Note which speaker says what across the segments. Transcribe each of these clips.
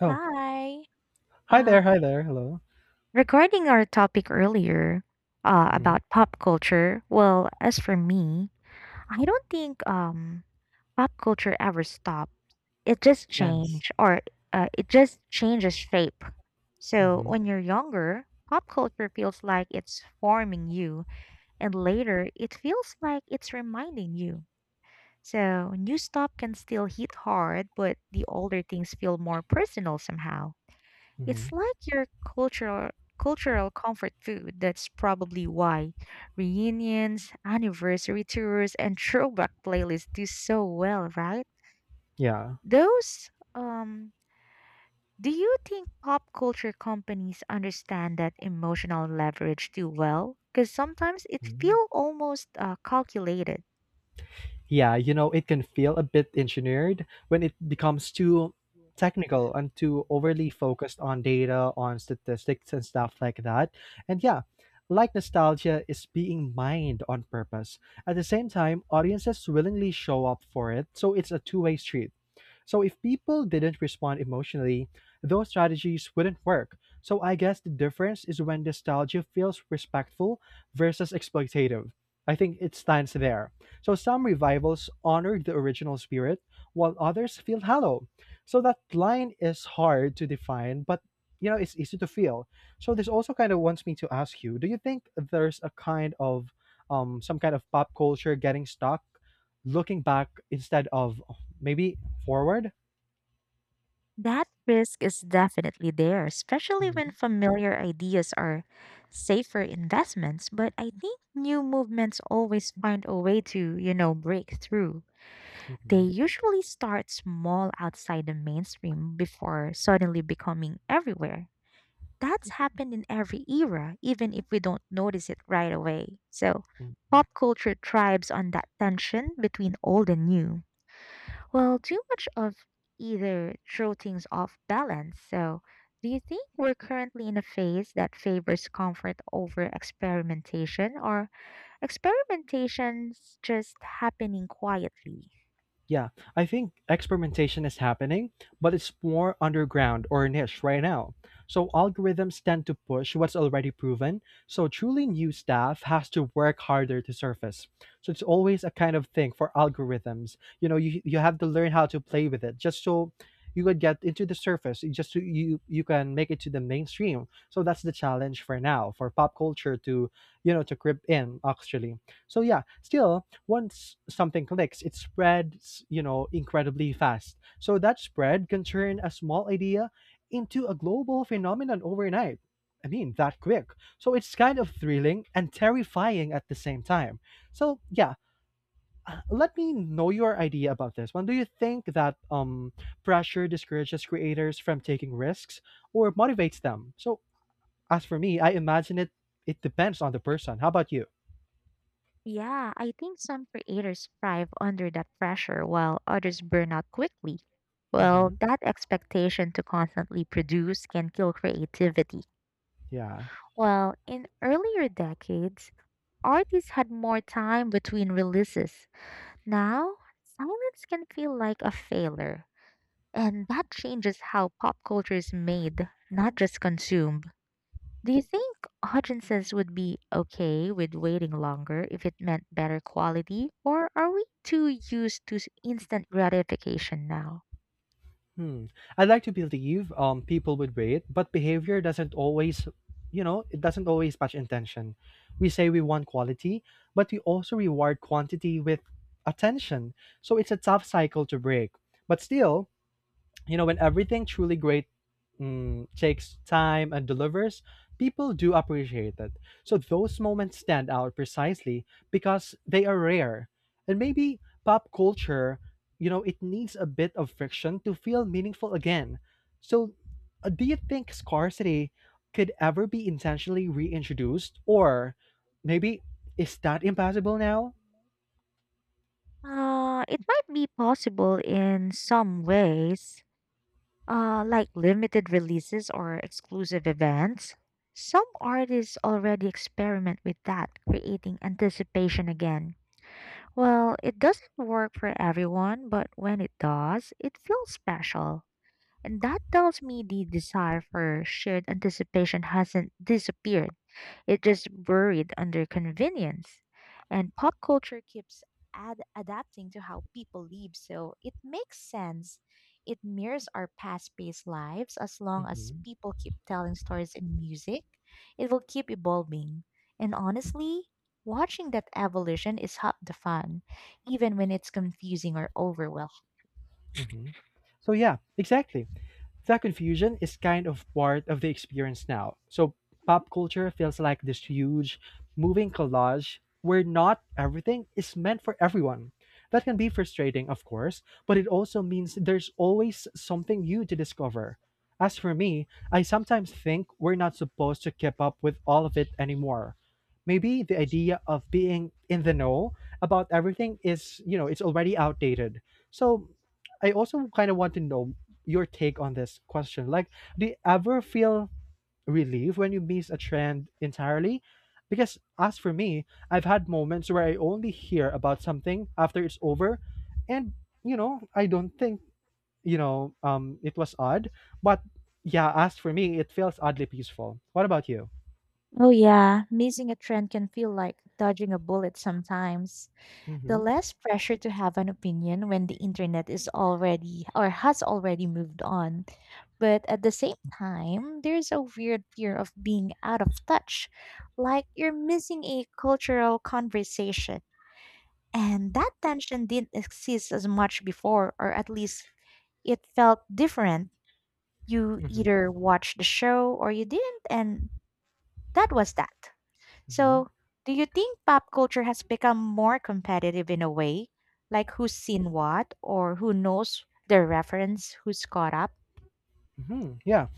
Speaker 1: Oh,
Speaker 2: Hi.
Speaker 1: hi there,
Speaker 2: Um,
Speaker 1: hi there, hello.
Speaker 2: Regarding our topic earlier
Speaker 1: Mhm.
Speaker 2: about pop culture, well, as for me, I don't think pop culture ever stops. It just
Speaker 1: Yes.
Speaker 2: change or it just changes shape. So
Speaker 1: Mhm,
Speaker 2: when you're younger, pop culture feels like it's forming you, and later it feels like it's reminding you. So new stuff can still hit hard, but the older things feel more personal somehow. It's
Speaker 1: mhm.
Speaker 2: like your cultural comfort food. That's probably why reunions, anniversary tours, and throwback playlists do so well, right?
Speaker 1: Yeah.
Speaker 2: Those Do you think pop culture companies understand that emotional leverage too well? Because sometimes it
Speaker 1: Mhm.
Speaker 2: feels almost calculated.
Speaker 1: Yeah, you know, it can feel a bit engineered when it becomes too technical and too overly focused on data, on statistics and stuff like that. And yeah, like nostalgia is being mined on purpose. At the same time, audiences willingly show up for it, so it's a two-way street. So if people didn't respond emotionally, those strategies wouldn't work. So I guess the difference is when nostalgia feels respectful versus exploitative. I think it stands there. So some revivals honor the original spirit, while others feel hollow. So that line is hard to define, but you know it's easy to feel. So this also kind of wants me to ask you: Do you think there's a kind of some kind of pop culture getting stuck, looking back instead of maybe forward?
Speaker 2: That risk is definitely there, especially when
Speaker 1: Mhm,
Speaker 2: familiar ideas are safer investments. But I think new movements always find a way to, you know, break through. They
Speaker 1: mhm,
Speaker 2: usually start small outside the mainstream before suddenly becoming everywhere. That's happened in every era, even if we don't notice it right away. So,
Speaker 1: mhm.
Speaker 2: pop culture thrives on that tension between old and new. Well, too much of either throw things off balance. So, do you think we're currently in a phase that favors comfort over experimentation, or experimentation's just happening quietly?
Speaker 1: Yeah, I think experimentation is happening, but it's more underground or niche right now. So algorithms tend to push what's already proven, so truly new stuff has to work harder to surface. So it's always a kind of thing for algorithms. You know, you have to learn how to play with it just so you could get into the surface, you just so you can make it to the mainstream. So that's the challenge for now for pop culture to, you know, to grip in actually. So yeah, still once something clicks, it spreads, you know, incredibly fast. So that spread can turn a small idea into a global phenomenon overnight. I mean, that quick. So it's kind of thrilling and terrifying at the same time. So yeah, let me know your idea about this one. Do you think that pressure discourages creators from taking risks or motivates them? So as for me, I imagine it depends on the person. How about you?
Speaker 2: Yeah, I think some creators thrive under that pressure while others burn out quickly. Well,
Speaker 1: Hmm.
Speaker 2: that expectation to constantly produce can kill creativity.
Speaker 1: Yeah.
Speaker 2: Well, in earlier decades, artists had more time between releases. Now, silence can feel like a failure, and that changes how pop culture is made, not just consumed. Do you think audiences would be okay with waiting longer if it meant better quality, or are we too used to instant gratification now?
Speaker 1: Hmm. I'd like to believe people would wait, but behavior doesn't always, you know, it doesn't always match intention. We say we want quality, but we also reward quantity with attention. So it's a tough cycle to break. But still, you know, when everything truly great takes time and delivers, people do appreciate it. So those moments stand out precisely because they are rare. And maybe pop culture, you know, it needs a bit of friction to feel meaningful again. So, do you think scarcity could ever be intentionally reintroduced? Or maybe is that impossible now?
Speaker 2: It might be possible in some ways, like limited releases or exclusive events. Some artists already experiment with that, creating anticipation again. Well, it doesn't work for everyone, but when it does, it feels special. And that tells me the desire for shared anticipation hasn't disappeared. It just buried under convenience. And pop culture keeps adapting to how people live, so it makes sense. It mirrors our past based lives as long as
Speaker 1: Hmm.
Speaker 2: people keep telling stories in music, it will keep evolving. And honestly, watching that evolution is half the fun, even when it's confusing or overwhelming.
Speaker 1: Hmm. So, yeah, exactly. That confusion is kind of part of the experience now. So pop culture feels like this huge moving collage where not everything is meant for everyone. That can be frustrating, of course, but it also means there's always something new to discover. As for me, I sometimes think we're not supposed to keep up with all of it anymore. Maybe the idea of being in the know about everything is, you know, it's already outdated. So I also kind of want to know your take on this question. Like, do you ever feel relief when you miss a trend entirely? Because as for me, I've had moments where I only hear about something after it's over, and you know, I don't think it was odd, but yeah, as for me, it feels oddly peaceful. What about you?
Speaker 2: Oh, yeah, missing a trend can feel like dodging a bullet sometimes. The
Speaker 1: Mm-hmm.
Speaker 2: less pressure to have an opinion when the internet is already or has already moved on. But at the same time, there's a weird fear of being out of touch, like you're missing a cultural conversation. And that tension didn't exist as much before, or at least it felt different. You
Speaker 1: Mm-hmm.
Speaker 2: either watched the show or you didn't, and that was that.
Speaker 1: Mm-hmm.
Speaker 2: So, do you think pop culture has become more competitive in a way? Like who's seen what or who knows the reference, who's caught up?
Speaker 1: Mm-hmm. Yeah.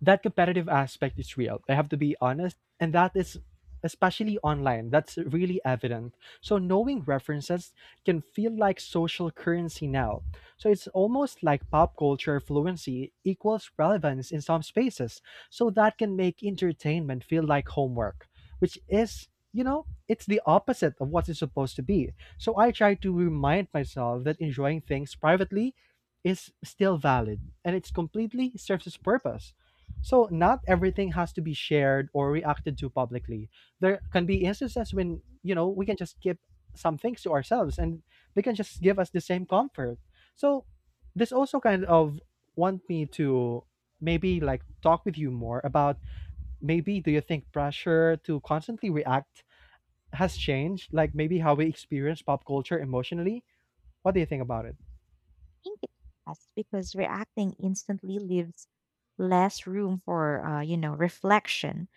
Speaker 1: That competitive aspect is real. I have to be honest. And that is especially online, that's really evident. So knowing references can feel like social currency now. So it's almost like pop culture fluency equals relevance in some spaces. So that can make entertainment feel like homework, which is you know, it's the opposite of what it's supposed to be. So I try to remind myself that enjoying things privately is still valid and it's completely serves its purpose. So not everything has to be shared or reacted to publicly. There can be instances when, you know, we can just keep some things to ourselves and they can just give us the same comfort. So this also kind of want me to maybe like talk with you more about maybe do you think pressure to constantly react has changed like maybe how we experience pop culture emotionally? What do you think about it?
Speaker 2: I think it has because reacting instantly leaves less room for you know reflection.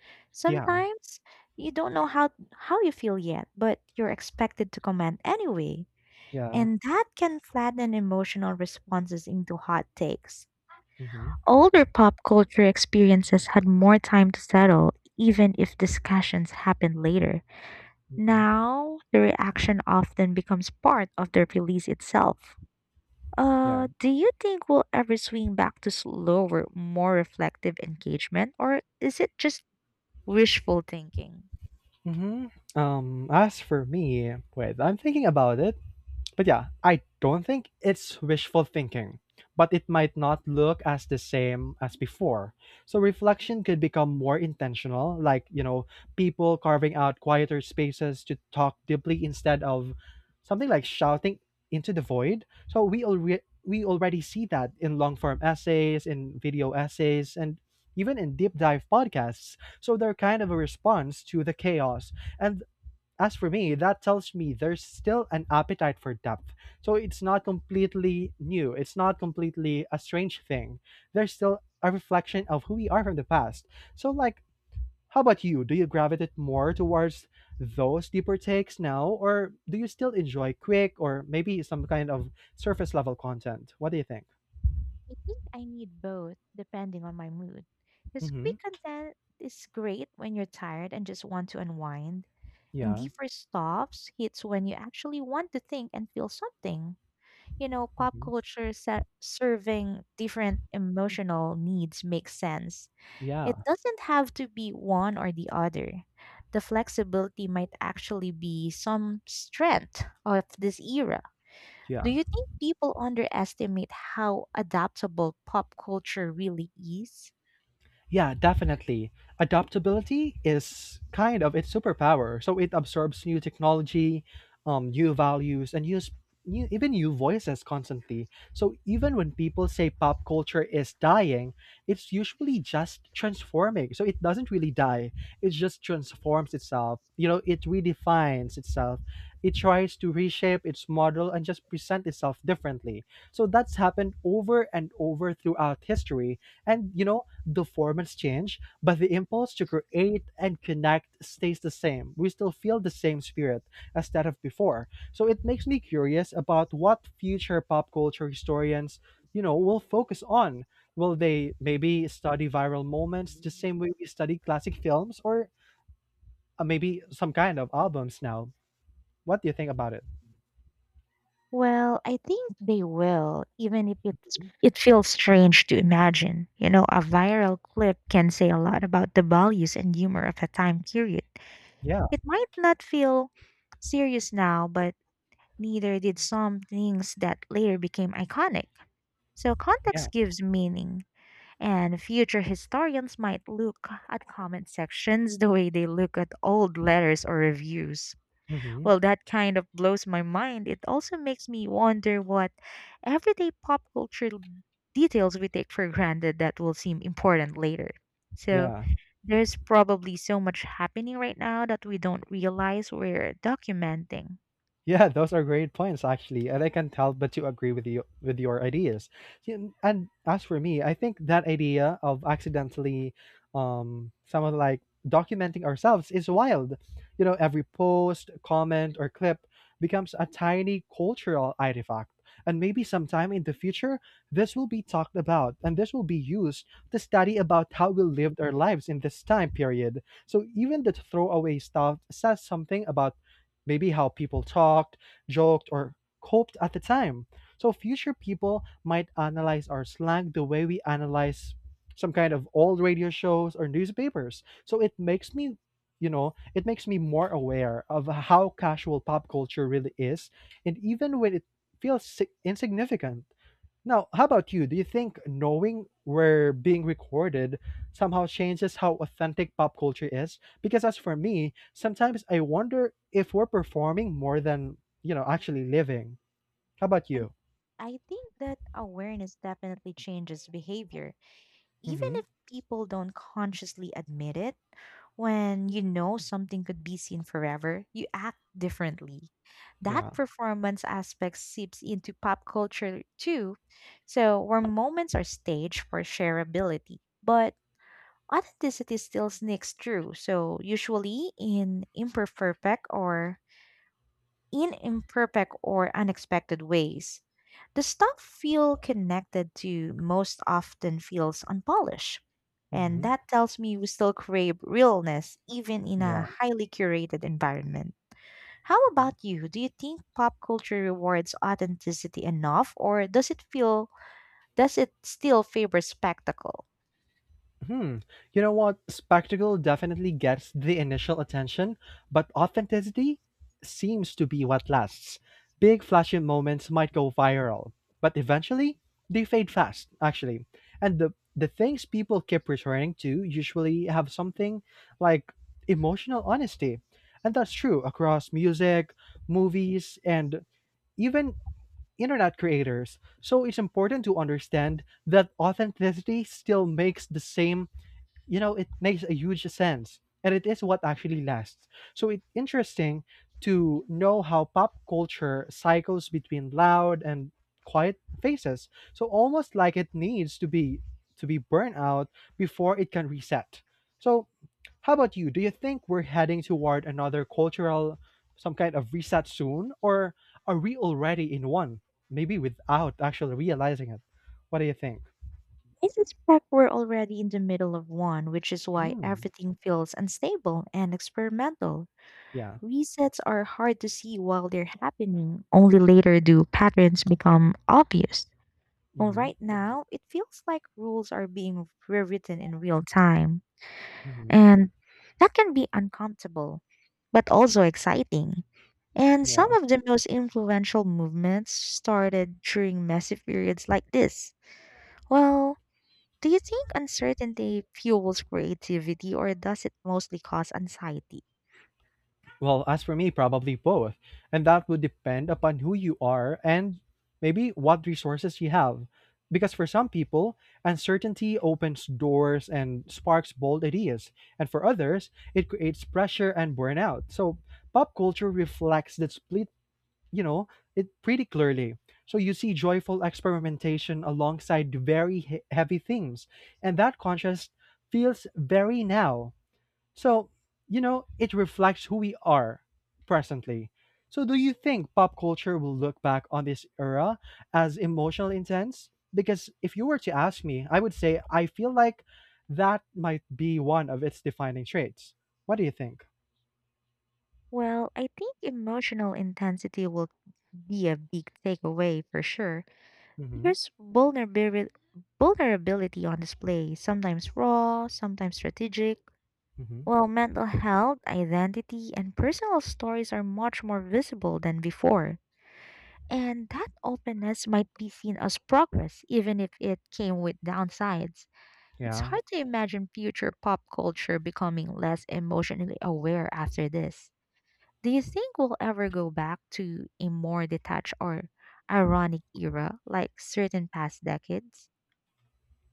Speaker 1: Yeah.
Speaker 2: Sometimes you don't know how you feel yet, but you're expected to comment anyway.
Speaker 1: Yeah.
Speaker 2: And that can flatten emotional responses into hot takes.
Speaker 1: Hmm.
Speaker 2: Older pop culture experiences had more time to settle, even if discussions happened later.
Speaker 1: Hmm.
Speaker 2: Now, the reaction often becomes part of the release itself.
Speaker 1: Yeah.
Speaker 2: Do you think we'll ever swing back to slower, more reflective engagement, or is it just wishful thinking?
Speaker 1: Hmm. As for me, wait, I'm thinking about it. But yeah, I don't think it's wishful thinking, but it might not look as the same as before. So reflection could become more intentional, like, you know, people carving out quieter spaces to talk deeply instead of something like shouting into the void. So we already see that in long form essays, in video essays, and even in deep dive podcasts. So they're kind of a response to the chaos. And as for me, that tells me there's still an appetite for depth. So it's not completely new. It's not completely a strange thing. There's still a reflection of who we are from the past. So, like, how about you? Do you gravitate more towards those deeper takes now, or do you still enjoy quick or maybe some kind of surface level content? What do you think?
Speaker 2: I think I need both depending on my mood. Because
Speaker 1: Mm-hmm.
Speaker 2: quick content is great when you're tired and just want to unwind, and
Speaker 1: Yeah.
Speaker 2: deeper stops hits when you actually want to think and feel something. You know, pop
Speaker 1: Hmm.
Speaker 2: culture serving different emotional needs makes sense.
Speaker 1: Yeah.
Speaker 2: It doesn't have to be one or the other. The flexibility might actually be some strength of this era. Do
Speaker 1: Yeah.
Speaker 2: you think people underestimate how adaptable pop culture really is?
Speaker 1: Yeah, definitely. Adaptability is kind of its superpower. So it absorbs new technology, new values, and use new, even new voices constantly. So even when people say pop culture is dying, it's usually just transforming. So it doesn't really die. It just transforms itself. You know, it redefines itself. It tries to reshape its model and just present itself differently. So that's happened over and over throughout history. And you know, the formats change, but the impulse to create and connect stays the same. We still feel the same spirit as that of before. So it makes me curious about what future pop culture historians, you know, will focus on. Will they maybe study viral moments the same way we study classic films or maybe some kind of albums now? What do you think about it?
Speaker 2: Well, I think they will, even if it feels strange to imagine. You know, a viral clip can say a lot about the values and humor of a time period.
Speaker 1: Yeah,
Speaker 2: It might not feel serious now, but neither did some things that later became iconic. So
Speaker 1: yeah.
Speaker 2: context gives meaning, and future historians might look at comment sections the way they look at old letters or reviews.
Speaker 1: Hmm.
Speaker 2: Well, that kind of blows my mind. It also makes me wonder what everyday pop culture details we take for granted that will seem important later. So,
Speaker 1: Yeah.
Speaker 2: there's probably so much happening right now that we don't realize we're documenting.
Speaker 1: Yeah, those are great points actually, and I can tell but to agree with you with your ideas. See, and as for me, I think that idea of accidentally, someone like documenting ourselves is wild. You know, every post, comment, or clip becomes a tiny cultural artifact, and maybe sometime in the future, this will be talked about, and this will be used to study about how we lived our lives in this time period. So even the throwaway stuff says something about maybe how people talked, joked, or coped at the time. So future people might analyze our slang the way we analyze some kind of old radio shows or newspapers. So it makes me, you know, it makes me more aware of how casual pop culture really is, and even when it feels insignificant. Now, how about you? Do you think knowing we're being recorded somehow changes how authentic pop culture is? Because as for me, sometimes I wonder if we're performing more than, you know, actually living. How about
Speaker 2: I,
Speaker 1: you?
Speaker 2: I think that awareness definitely changes behavior, even
Speaker 1: Mhm.
Speaker 2: if people don't consciously admit it. When you know something could be seen forever, you act differently. That
Speaker 1: Yeah.
Speaker 2: performance aspect seeps into pop culture too. So, where moments are staged for shareability, but authenticity still sneaks through. So, usually in imperfect or unexpected ways. The stuff feel connected to most often feels unpolished. And
Speaker 1: Mhm.
Speaker 2: that tells me we still crave realness even in a
Speaker 1: Yeah.
Speaker 2: highly curated environment. How about you? Do you think pop culture rewards authenticity enough or does it still favor spectacle?
Speaker 1: Hmm. You know what? Spectacle definitely gets the initial attention, but authenticity seems to be what lasts. Big flashy moments might go viral, but eventually they fade fast, actually. And the things people keep returning to usually have something like emotional honesty. And that's true across music, movies, and even internet creators. So it's important to understand that authenticity still makes the same you know it makes a huge sense and it is what actually lasts, so it's interesting to know how pop culture cycles between loud and quiet phases, so almost like it needs to be burned out before it can reset. So how about you, do you think we're heading toward another cultural some kind of reset soon, or are we already in one maybe without actually realizing it? What do you think?
Speaker 2: I suspect we're already in the middle of one, which is why
Speaker 1: Mm,
Speaker 2: everything feels unstable and experimental.
Speaker 1: yeah.
Speaker 2: Resets are hard to see while they're happening. Only later do patterns become obvious. Well,
Speaker 1: Hmm.
Speaker 2: right now, it feels like rules are being rewritten in real time.
Speaker 1: Hmm.
Speaker 2: And that can be uncomfortable, but also exciting. And
Speaker 1: Yeah.
Speaker 2: some of the most influential movements started during massive periods like this. Well, do you think uncertainty fuels creativity or does it mostly cause anxiety?
Speaker 1: Well, as for me, probably both. And that would depend upon who you are and maybe what resources you have. Because for some people, uncertainty opens doors and sparks bold ideas. And for others, it creates pressure and burnout. So pop culture reflects that split, you know, it pretty clearly. So you see joyful experimentation alongside very heavy themes. And that contrast feels very now, so, you know, it reflects who we are presently. So, do you think pop culture will look back on this era as emotional intense? Because if you were to ask me, I would say I feel like that might be one of its defining traits. What do you think?
Speaker 2: Well, I think emotional intensity will be a big takeaway for sure.
Speaker 1: Mm-hmm.
Speaker 2: Here's vulnerability on display, sometimes raw, sometimes strategic.
Speaker 1: Mm-hmm.
Speaker 2: While mental health, identity, and personal stories are much more visible than before. And that openness might be seen as progress, even if it came with downsides. It's
Speaker 1: Yeah.
Speaker 2: hard to imagine future pop culture becoming less emotionally aware after this. Do you think we'll ever go back to a more detached or ironic era like certain past decades?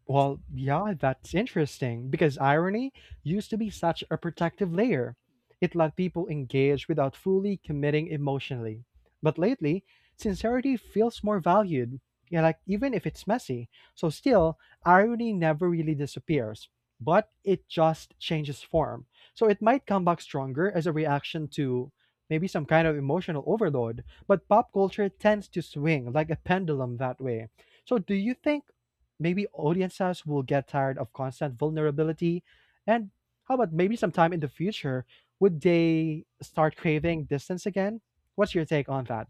Speaker 1: Well, yeah, that's interesting because irony used to be such a protective layer. It let people engage without fully committing emotionally. But lately, sincerity feels more valued, yeah, like even if it's messy. So still, irony never really disappears, but it just changes form. So it might come back stronger as a reaction to maybe some kind of emotional overload, but pop culture tends to swing like a pendulum that way. So do you think maybe audiences will get tired of constant vulnerability and how about maybe sometime in the future would they start craving distance again? What's your take on that?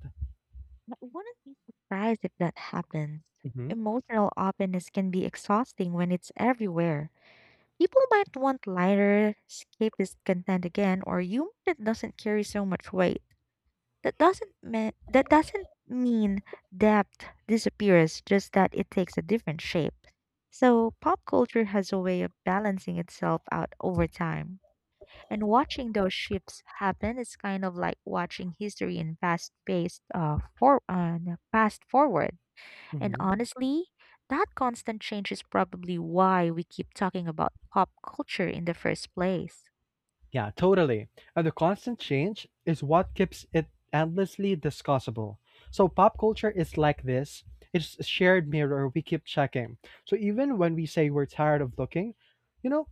Speaker 2: I wouldn't be surprised if that happens.
Speaker 1: Hmm.
Speaker 2: Emotional openness can be exhausting when it's everywhere. People might want lighter, escapist content again, or humor that doesn't carry so much weight. That doesn't mean depth disappears, just that it takes a different shape. So pop culture has a way of balancing itself out over time. And watching those shifts happen is kind of like watching history in fast forward. And
Speaker 1: Hmm.
Speaker 2: honestly, that constant change is probably why we keep talking about pop culture in the first place.
Speaker 1: Yeah, totally. And the constant change is what keeps it endlessly discussable. So pop culture is like this, it's a shared mirror we keep checking. So even when we say we're tired of looking, you know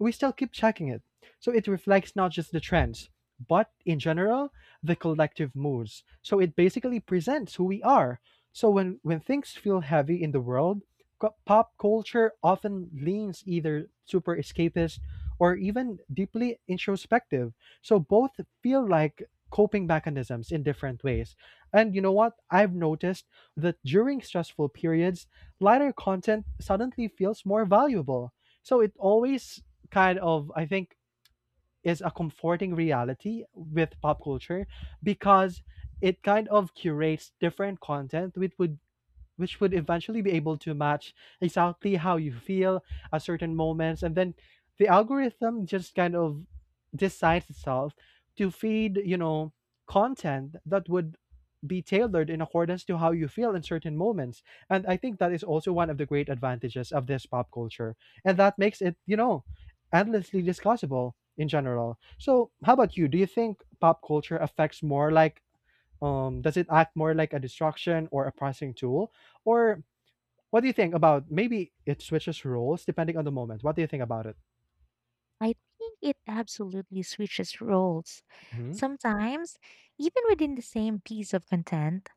Speaker 1: we still keep checking it. So it reflects not just the trends, but in general, the collective moods. So it basically presents who we are. So when things feel heavy in the world, pop culture often leans either super escapist or even deeply introspective. So both feel like coping mechanisms in different ways. And you know what? I've noticed that during stressful periods, lighter content suddenly feels more valuable. So it always kind of, I think, is a comforting reality with pop culture, because it kind of curates different content which would eventually be able to match exactly how you feel at certain moments. And then the algorithm just kind of decides itself to feed, you know, content that would be tailored in accordance to how you feel in certain moments. And I think that is also one of the great advantages of this pop culture. And that makes it, you know, endlessly discussable in general. So, how about you? Do you think pop culture affects more like does it act more like a distraction or a pricing tool? Or what do you think about maybe it switches roles depending on the moment? What do you think about it?
Speaker 2: I think it absolutely switches roles.
Speaker 1: Hmm.
Speaker 2: Sometimes, even within the same piece of content,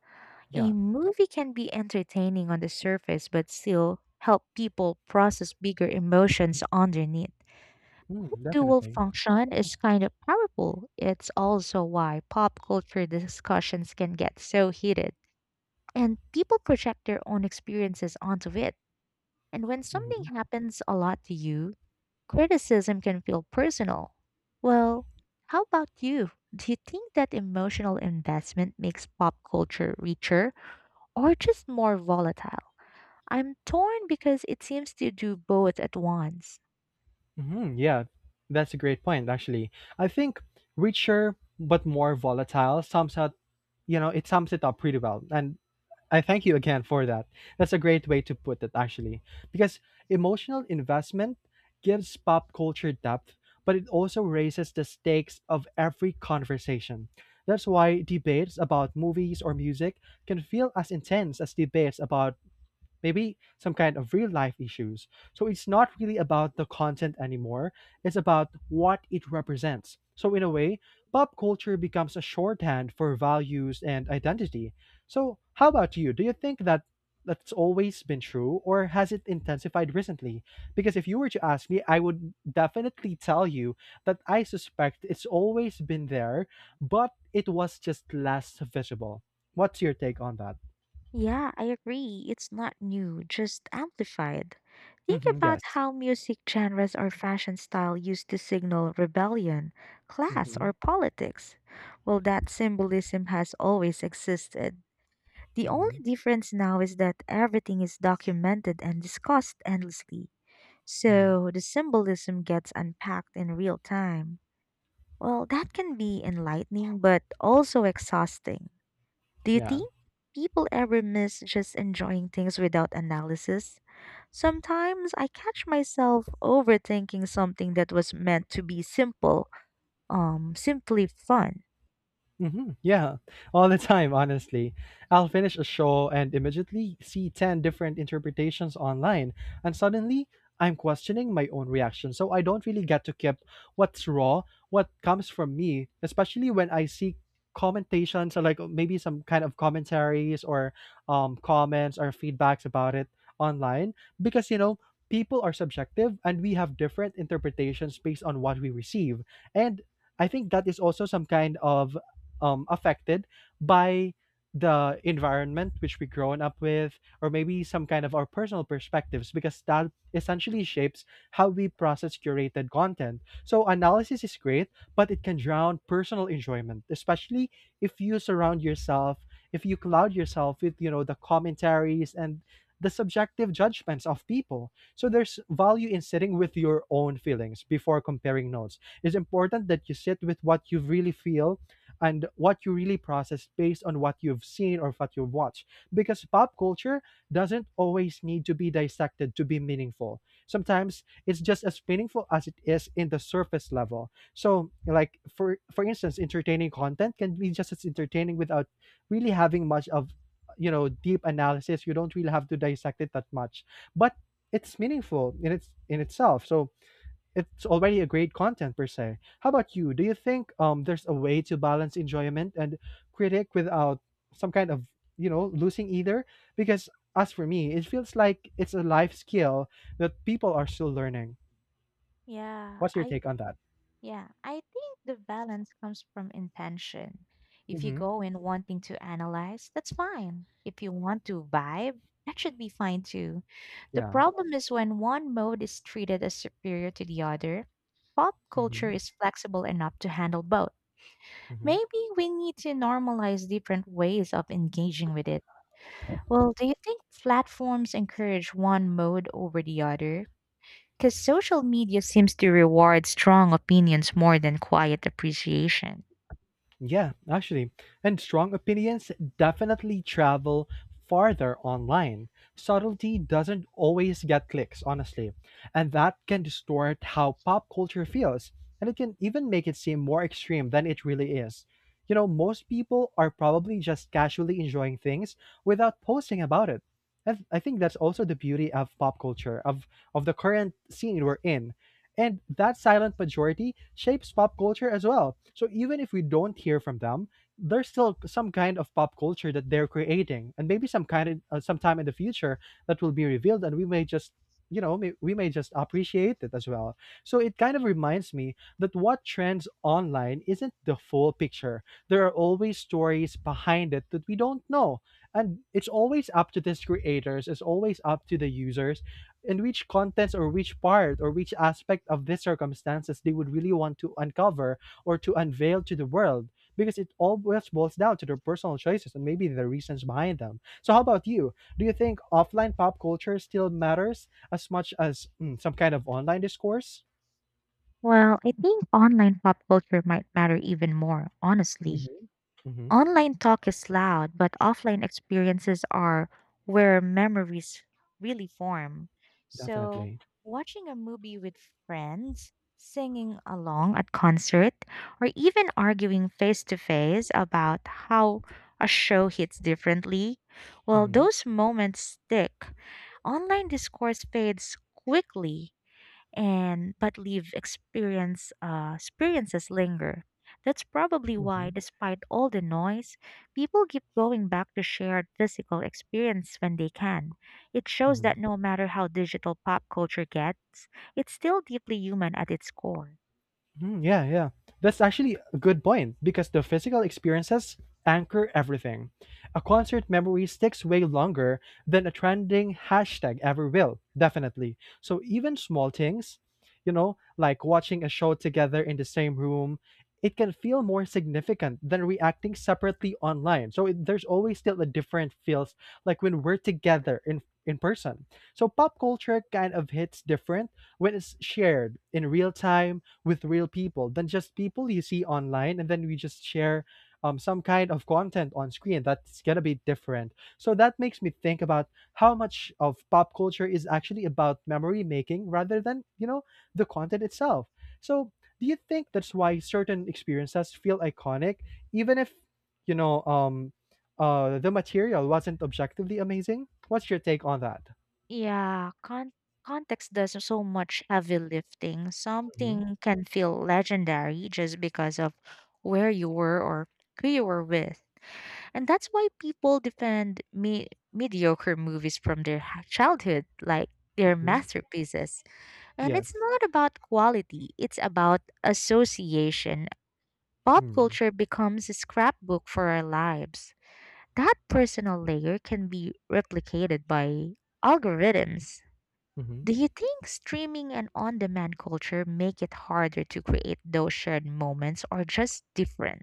Speaker 2: a
Speaker 1: Yeah.
Speaker 2: movie can be entertaining on the surface but still help people process bigger emotions underneath.
Speaker 1: Mm,
Speaker 2: Dual
Speaker 1: definitely.
Speaker 2: function is kind of powerful. It's also why pop culture discussions can get so heated, and people project their own experiences onto it. And when
Speaker 1: Hmm.
Speaker 2: something happens a lot to you, criticism can feel personal. Well, how about you? Do you think that emotional investment makes pop culture richer or just more volatile? I'm torn because it seems to do both at once.
Speaker 1: Hmm. Yeah, that's a great point, actually. I think richer but more volatile sums up, you know, it sums it up pretty well. And I thank you again for that. That's a great way to put it, actually, because emotional investment gives pop culture depth, but it also raises the stakes of every conversation. That's why debates about movies or music can feel as intense as debates about maybe some kind of real life issues. So it's not really about the content anymore, it's about what it represents. So, in a way, pop culture becomes a shorthand for values and identity. So, how about you? Do you think that that's always been true or has it intensified recently? Because if you were to ask me, I would definitely tell you that I suspect it's always been there, but it was just less visible. What's your take on that?
Speaker 2: Yeah, I agree. It's not new, just amplified. Think
Speaker 1: Hmm,
Speaker 2: about
Speaker 1: yes.
Speaker 2: how music genres or fashion style used to signal rebellion, class,
Speaker 1: Hmm.
Speaker 2: or politics. Well, that symbolism has always existed. The only
Speaker 1: Hmm.
Speaker 2: difference now is that everything is documented and discussed endlessly.
Speaker 1: Mhm.
Speaker 2: So the symbolism gets unpacked in real time. Well, that can be enlightening but also exhausting. Do you
Speaker 1: Yeah.
Speaker 2: think people ever miss just enjoying things without analysis? Sometimes I catch myself overthinking something that was meant to be simply fun.
Speaker 1: Hmm. Yeah, all the time, honestly. I'll finish a show and immediately see 10 different interpretations online, and suddenly I'm questioning my own reaction. So I don't really get to keep what's raw, what comes from me, especially when I see commentations, or like maybe some kind of commentaries, or comments or feedbacks about it online, because you know people are subjective and we have different interpretations based on what we receive. And I think that is also some kind of affected by the environment which we grown up with, or maybe some kind of our personal perspectives, because that essentially shapes how we process curated content. So analysis is great, but it can drown personal enjoyment, especially if you surround yourself, if you cloud yourself with, you know, the commentaries and the subjective judgments of people. So there's value in sitting with your own feelings before comparing notes. It's important that you sit with what you really feel and what you really process based on what you've seen or what you've watched. Because pop culture doesn't always need to be dissected to be meaningful. Sometimes it's just as meaningful as it is in the surface level. So, like, for instance, entertaining content can be just as entertaining without really having much of, you know, deep analysis. You don't really have to dissect it that much, but it's meaningful in itself. So it's already a great content per se. How about you? Do you think there's a way to balance enjoyment and critic without some kind of, you know, losing either? Because as for me, it feels like it's a life skill that people are still learning.
Speaker 2: Yeah,
Speaker 1: What's your
Speaker 2: I
Speaker 1: take on that?
Speaker 2: Yeah, I think the balance comes from intention. If you
Speaker 1: Mm-hmm.
Speaker 2: go in wanting to analyze, that's fine. If you want to vibe, that should be fine too. The
Speaker 1: Yeah.
Speaker 2: problem is when one mode is treated as superior to the other. Pop culture
Speaker 1: Mm-hmm.
Speaker 2: is flexible enough to handle both. Maybe we need to normalize different ways of engaging with it. Well, do you think platforms encourage one mode over the other? Because social media seems to reward strong opinions more than quiet appreciation.
Speaker 1: Yeah, actually. And strong opinions definitely travel farther online. Subtlety doesn't always get clicks, honestly. And that can distort how pop culture feels. And it can even make it seem more extreme than it really is. You know, most people are probably just casually enjoying things without posting about it. And I think that's also the beauty of pop culture, of the current scene we're in, and that silent majority shapes pop culture as well. So even if we don't hear from them, there's still some kind of pop culture that they're creating, and maybe some kind of sometime in the future that will be revealed, and we may just, you know, we may just appreciate it as well. So it kind of reminds me that what trends online isn't the full picture. There are always stories behind it that we don't know. And it's always up to these creators, it's always up to the users in which contents, or which part, or which aspect of these circumstances they would really want to uncover or to unveil to the world, because it always boils down to their personal choices and maybe the reasons behind them. So, how about you? Do you think offline pop culture still matters as much as, mm, some kind of online discourse?
Speaker 2: Well, I think online pop culture might matter even more, honestly.
Speaker 1: Hmm. Hmm.
Speaker 2: Online talk is loud, but offline experiences are where memories really form. So,
Speaker 1: Definitely.
Speaker 2: watching a movie with friends, singing along at concert, or even arguing face to face about how a show hits differently, well,
Speaker 1: Hmm.
Speaker 2: those moments stick. Online discourse fades quickly and but leave experiences linger. That's probably why,
Speaker 1: Hmm.
Speaker 2: despite all the noise, people keep going back to shared physical experience when they can. It shows that
Speaker 1: Hmm.
Speaker 2: no matter how digital pop culture gets, it's still deeply human at its core.
Speaker 1: Mm, yeah, yeah. That's actually a good point because the physical experiences anchor everything. A concert memory sticks way longer than a trending hashtag ever will, definitely. So even small things, you know, like watching a show together in the same room, it can feel more significant than reacting separately online. So it, there's always still a different feels like when we're together in person. So pop culture kind of hits different when it's shared in real time with real people than just people you see online and then we just share some kind of content on screen. That's gonna be different. So that makes me think about how much of pop culture is actually about memory making rather than, you know, the content itself. So do you think that's why certain experiences feel iconic even if, you know, the material wasn't objectively amazing? What's your take on that?
Speaker 2: Yeah, con- Context does so much heavy lifting.
Speaker 1: Mm-hmm.
Speaker 2: Something can feel legendary just because of where you were or who you were with. And that's why people defend mediocre movies from their childhood like their masterpieces. And
Speaker 1: Yes.
Speaker 2: it's not about quality, it's about association. Pop
Speaker 1: Mm-hmm.
Speaker 2: culture becomes a scrapbook for our lives. That personal layer can be replicated by algorithms.
Speaker 1: Mm-hmm.
Speaker 2: Do you think streaming and on demand culture make it harder to create those shared moments or just different?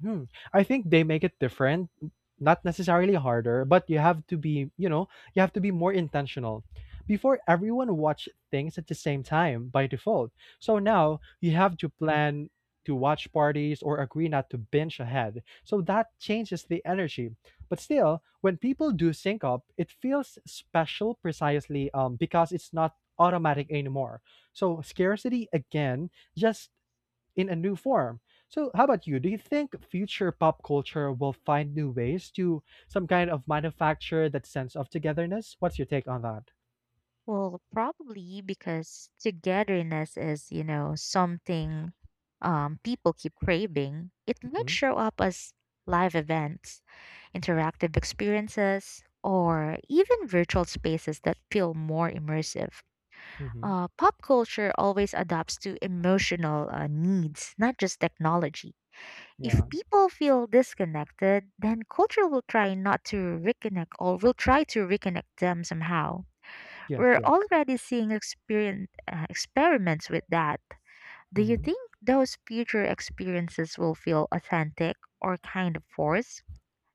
Speaker 1: Hmm. I think they make it different, not necessarily harder, but you have to be, you know, you have to be more intentional. Before everyone watched things at the same time by default. So now you have to plan to watch parties or agree not to binge ahead. So that changes the energy. But still, when people do sync up, it feels special precisely because it's not automatic anymore. So scarcity again, just in a new form. So, how about you? Do you think future pop culture will find new ways to some kind of manufacture that sense of togetherness? What's your take on that?
Speaker 2: Well, probably because togetherness is, you know, something people keep craving. It might
Speaker 1: Hmm.
Speaker 2: show up as live events, interactive experiences, or even virtual spaces that feel more immersive.
Speaker 1: Hmm.
Speaker 2: Pop culture always adapts to emotional needs, not just technology.
Speaker 1: Yeah.
Speaker 2: If people feel disconnected, then culture will try not to reconnect or will try to reconnect them somehow.
Speaker 1: Yes.
Speaker 2: We're
Speaker 1: Yes.
Speaker 2: already seeing experien experiments with that. Do you
Speaker 1: Hmm.
Speaker 2: think those future experiences will feel authentic or kind of forced?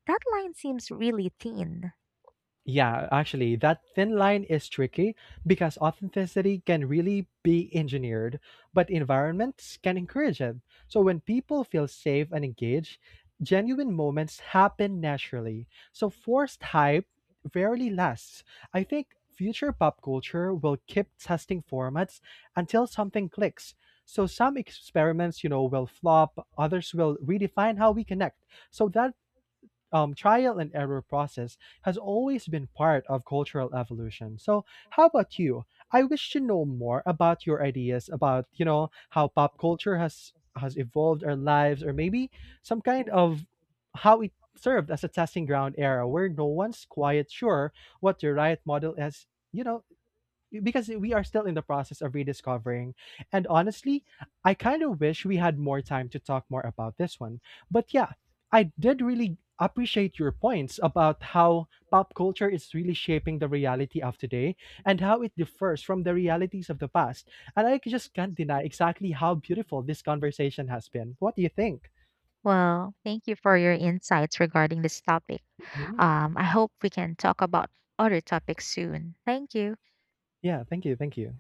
Speaker 2: That line seems really thin.
Speaker 1: Yeah, actually, that thin line is tricky because authenticity can really be engineered, but environments can encourage it. So when people feel safe and engaged, genuine moments happen naturally. So forced hype rarely lasts. I think future pop culture will keep testing formats until something clicks. So some experiments, you know, will flop, others will redefine how we connect. So that trial and error process has always been part of cultural evolution. So, how about you? I wish to know more about your ideas about, you know, how pop culture has evolved our lives, or maybe some kind of how it served as a testing ground era where no one's quite sure what the right model is. You know, because we are still in the process of rediscovering. And honestly, I kind of wish we had more time to talk more about this one. But yeah, I did really appreciate your points about how pop culture is really shaping the reality of today and how it differs from the realities of the past. And I just can't deny exactly how beautiful this conversation has been. What do you think?
Speaker 2: Well, thank you for your insights regarding this topic.
Speaker 1: Mhm.
Speaker 2: I hope we can talk about other topics soon. Thank you.
Speaker 1: Yeah, thank you. Thank you.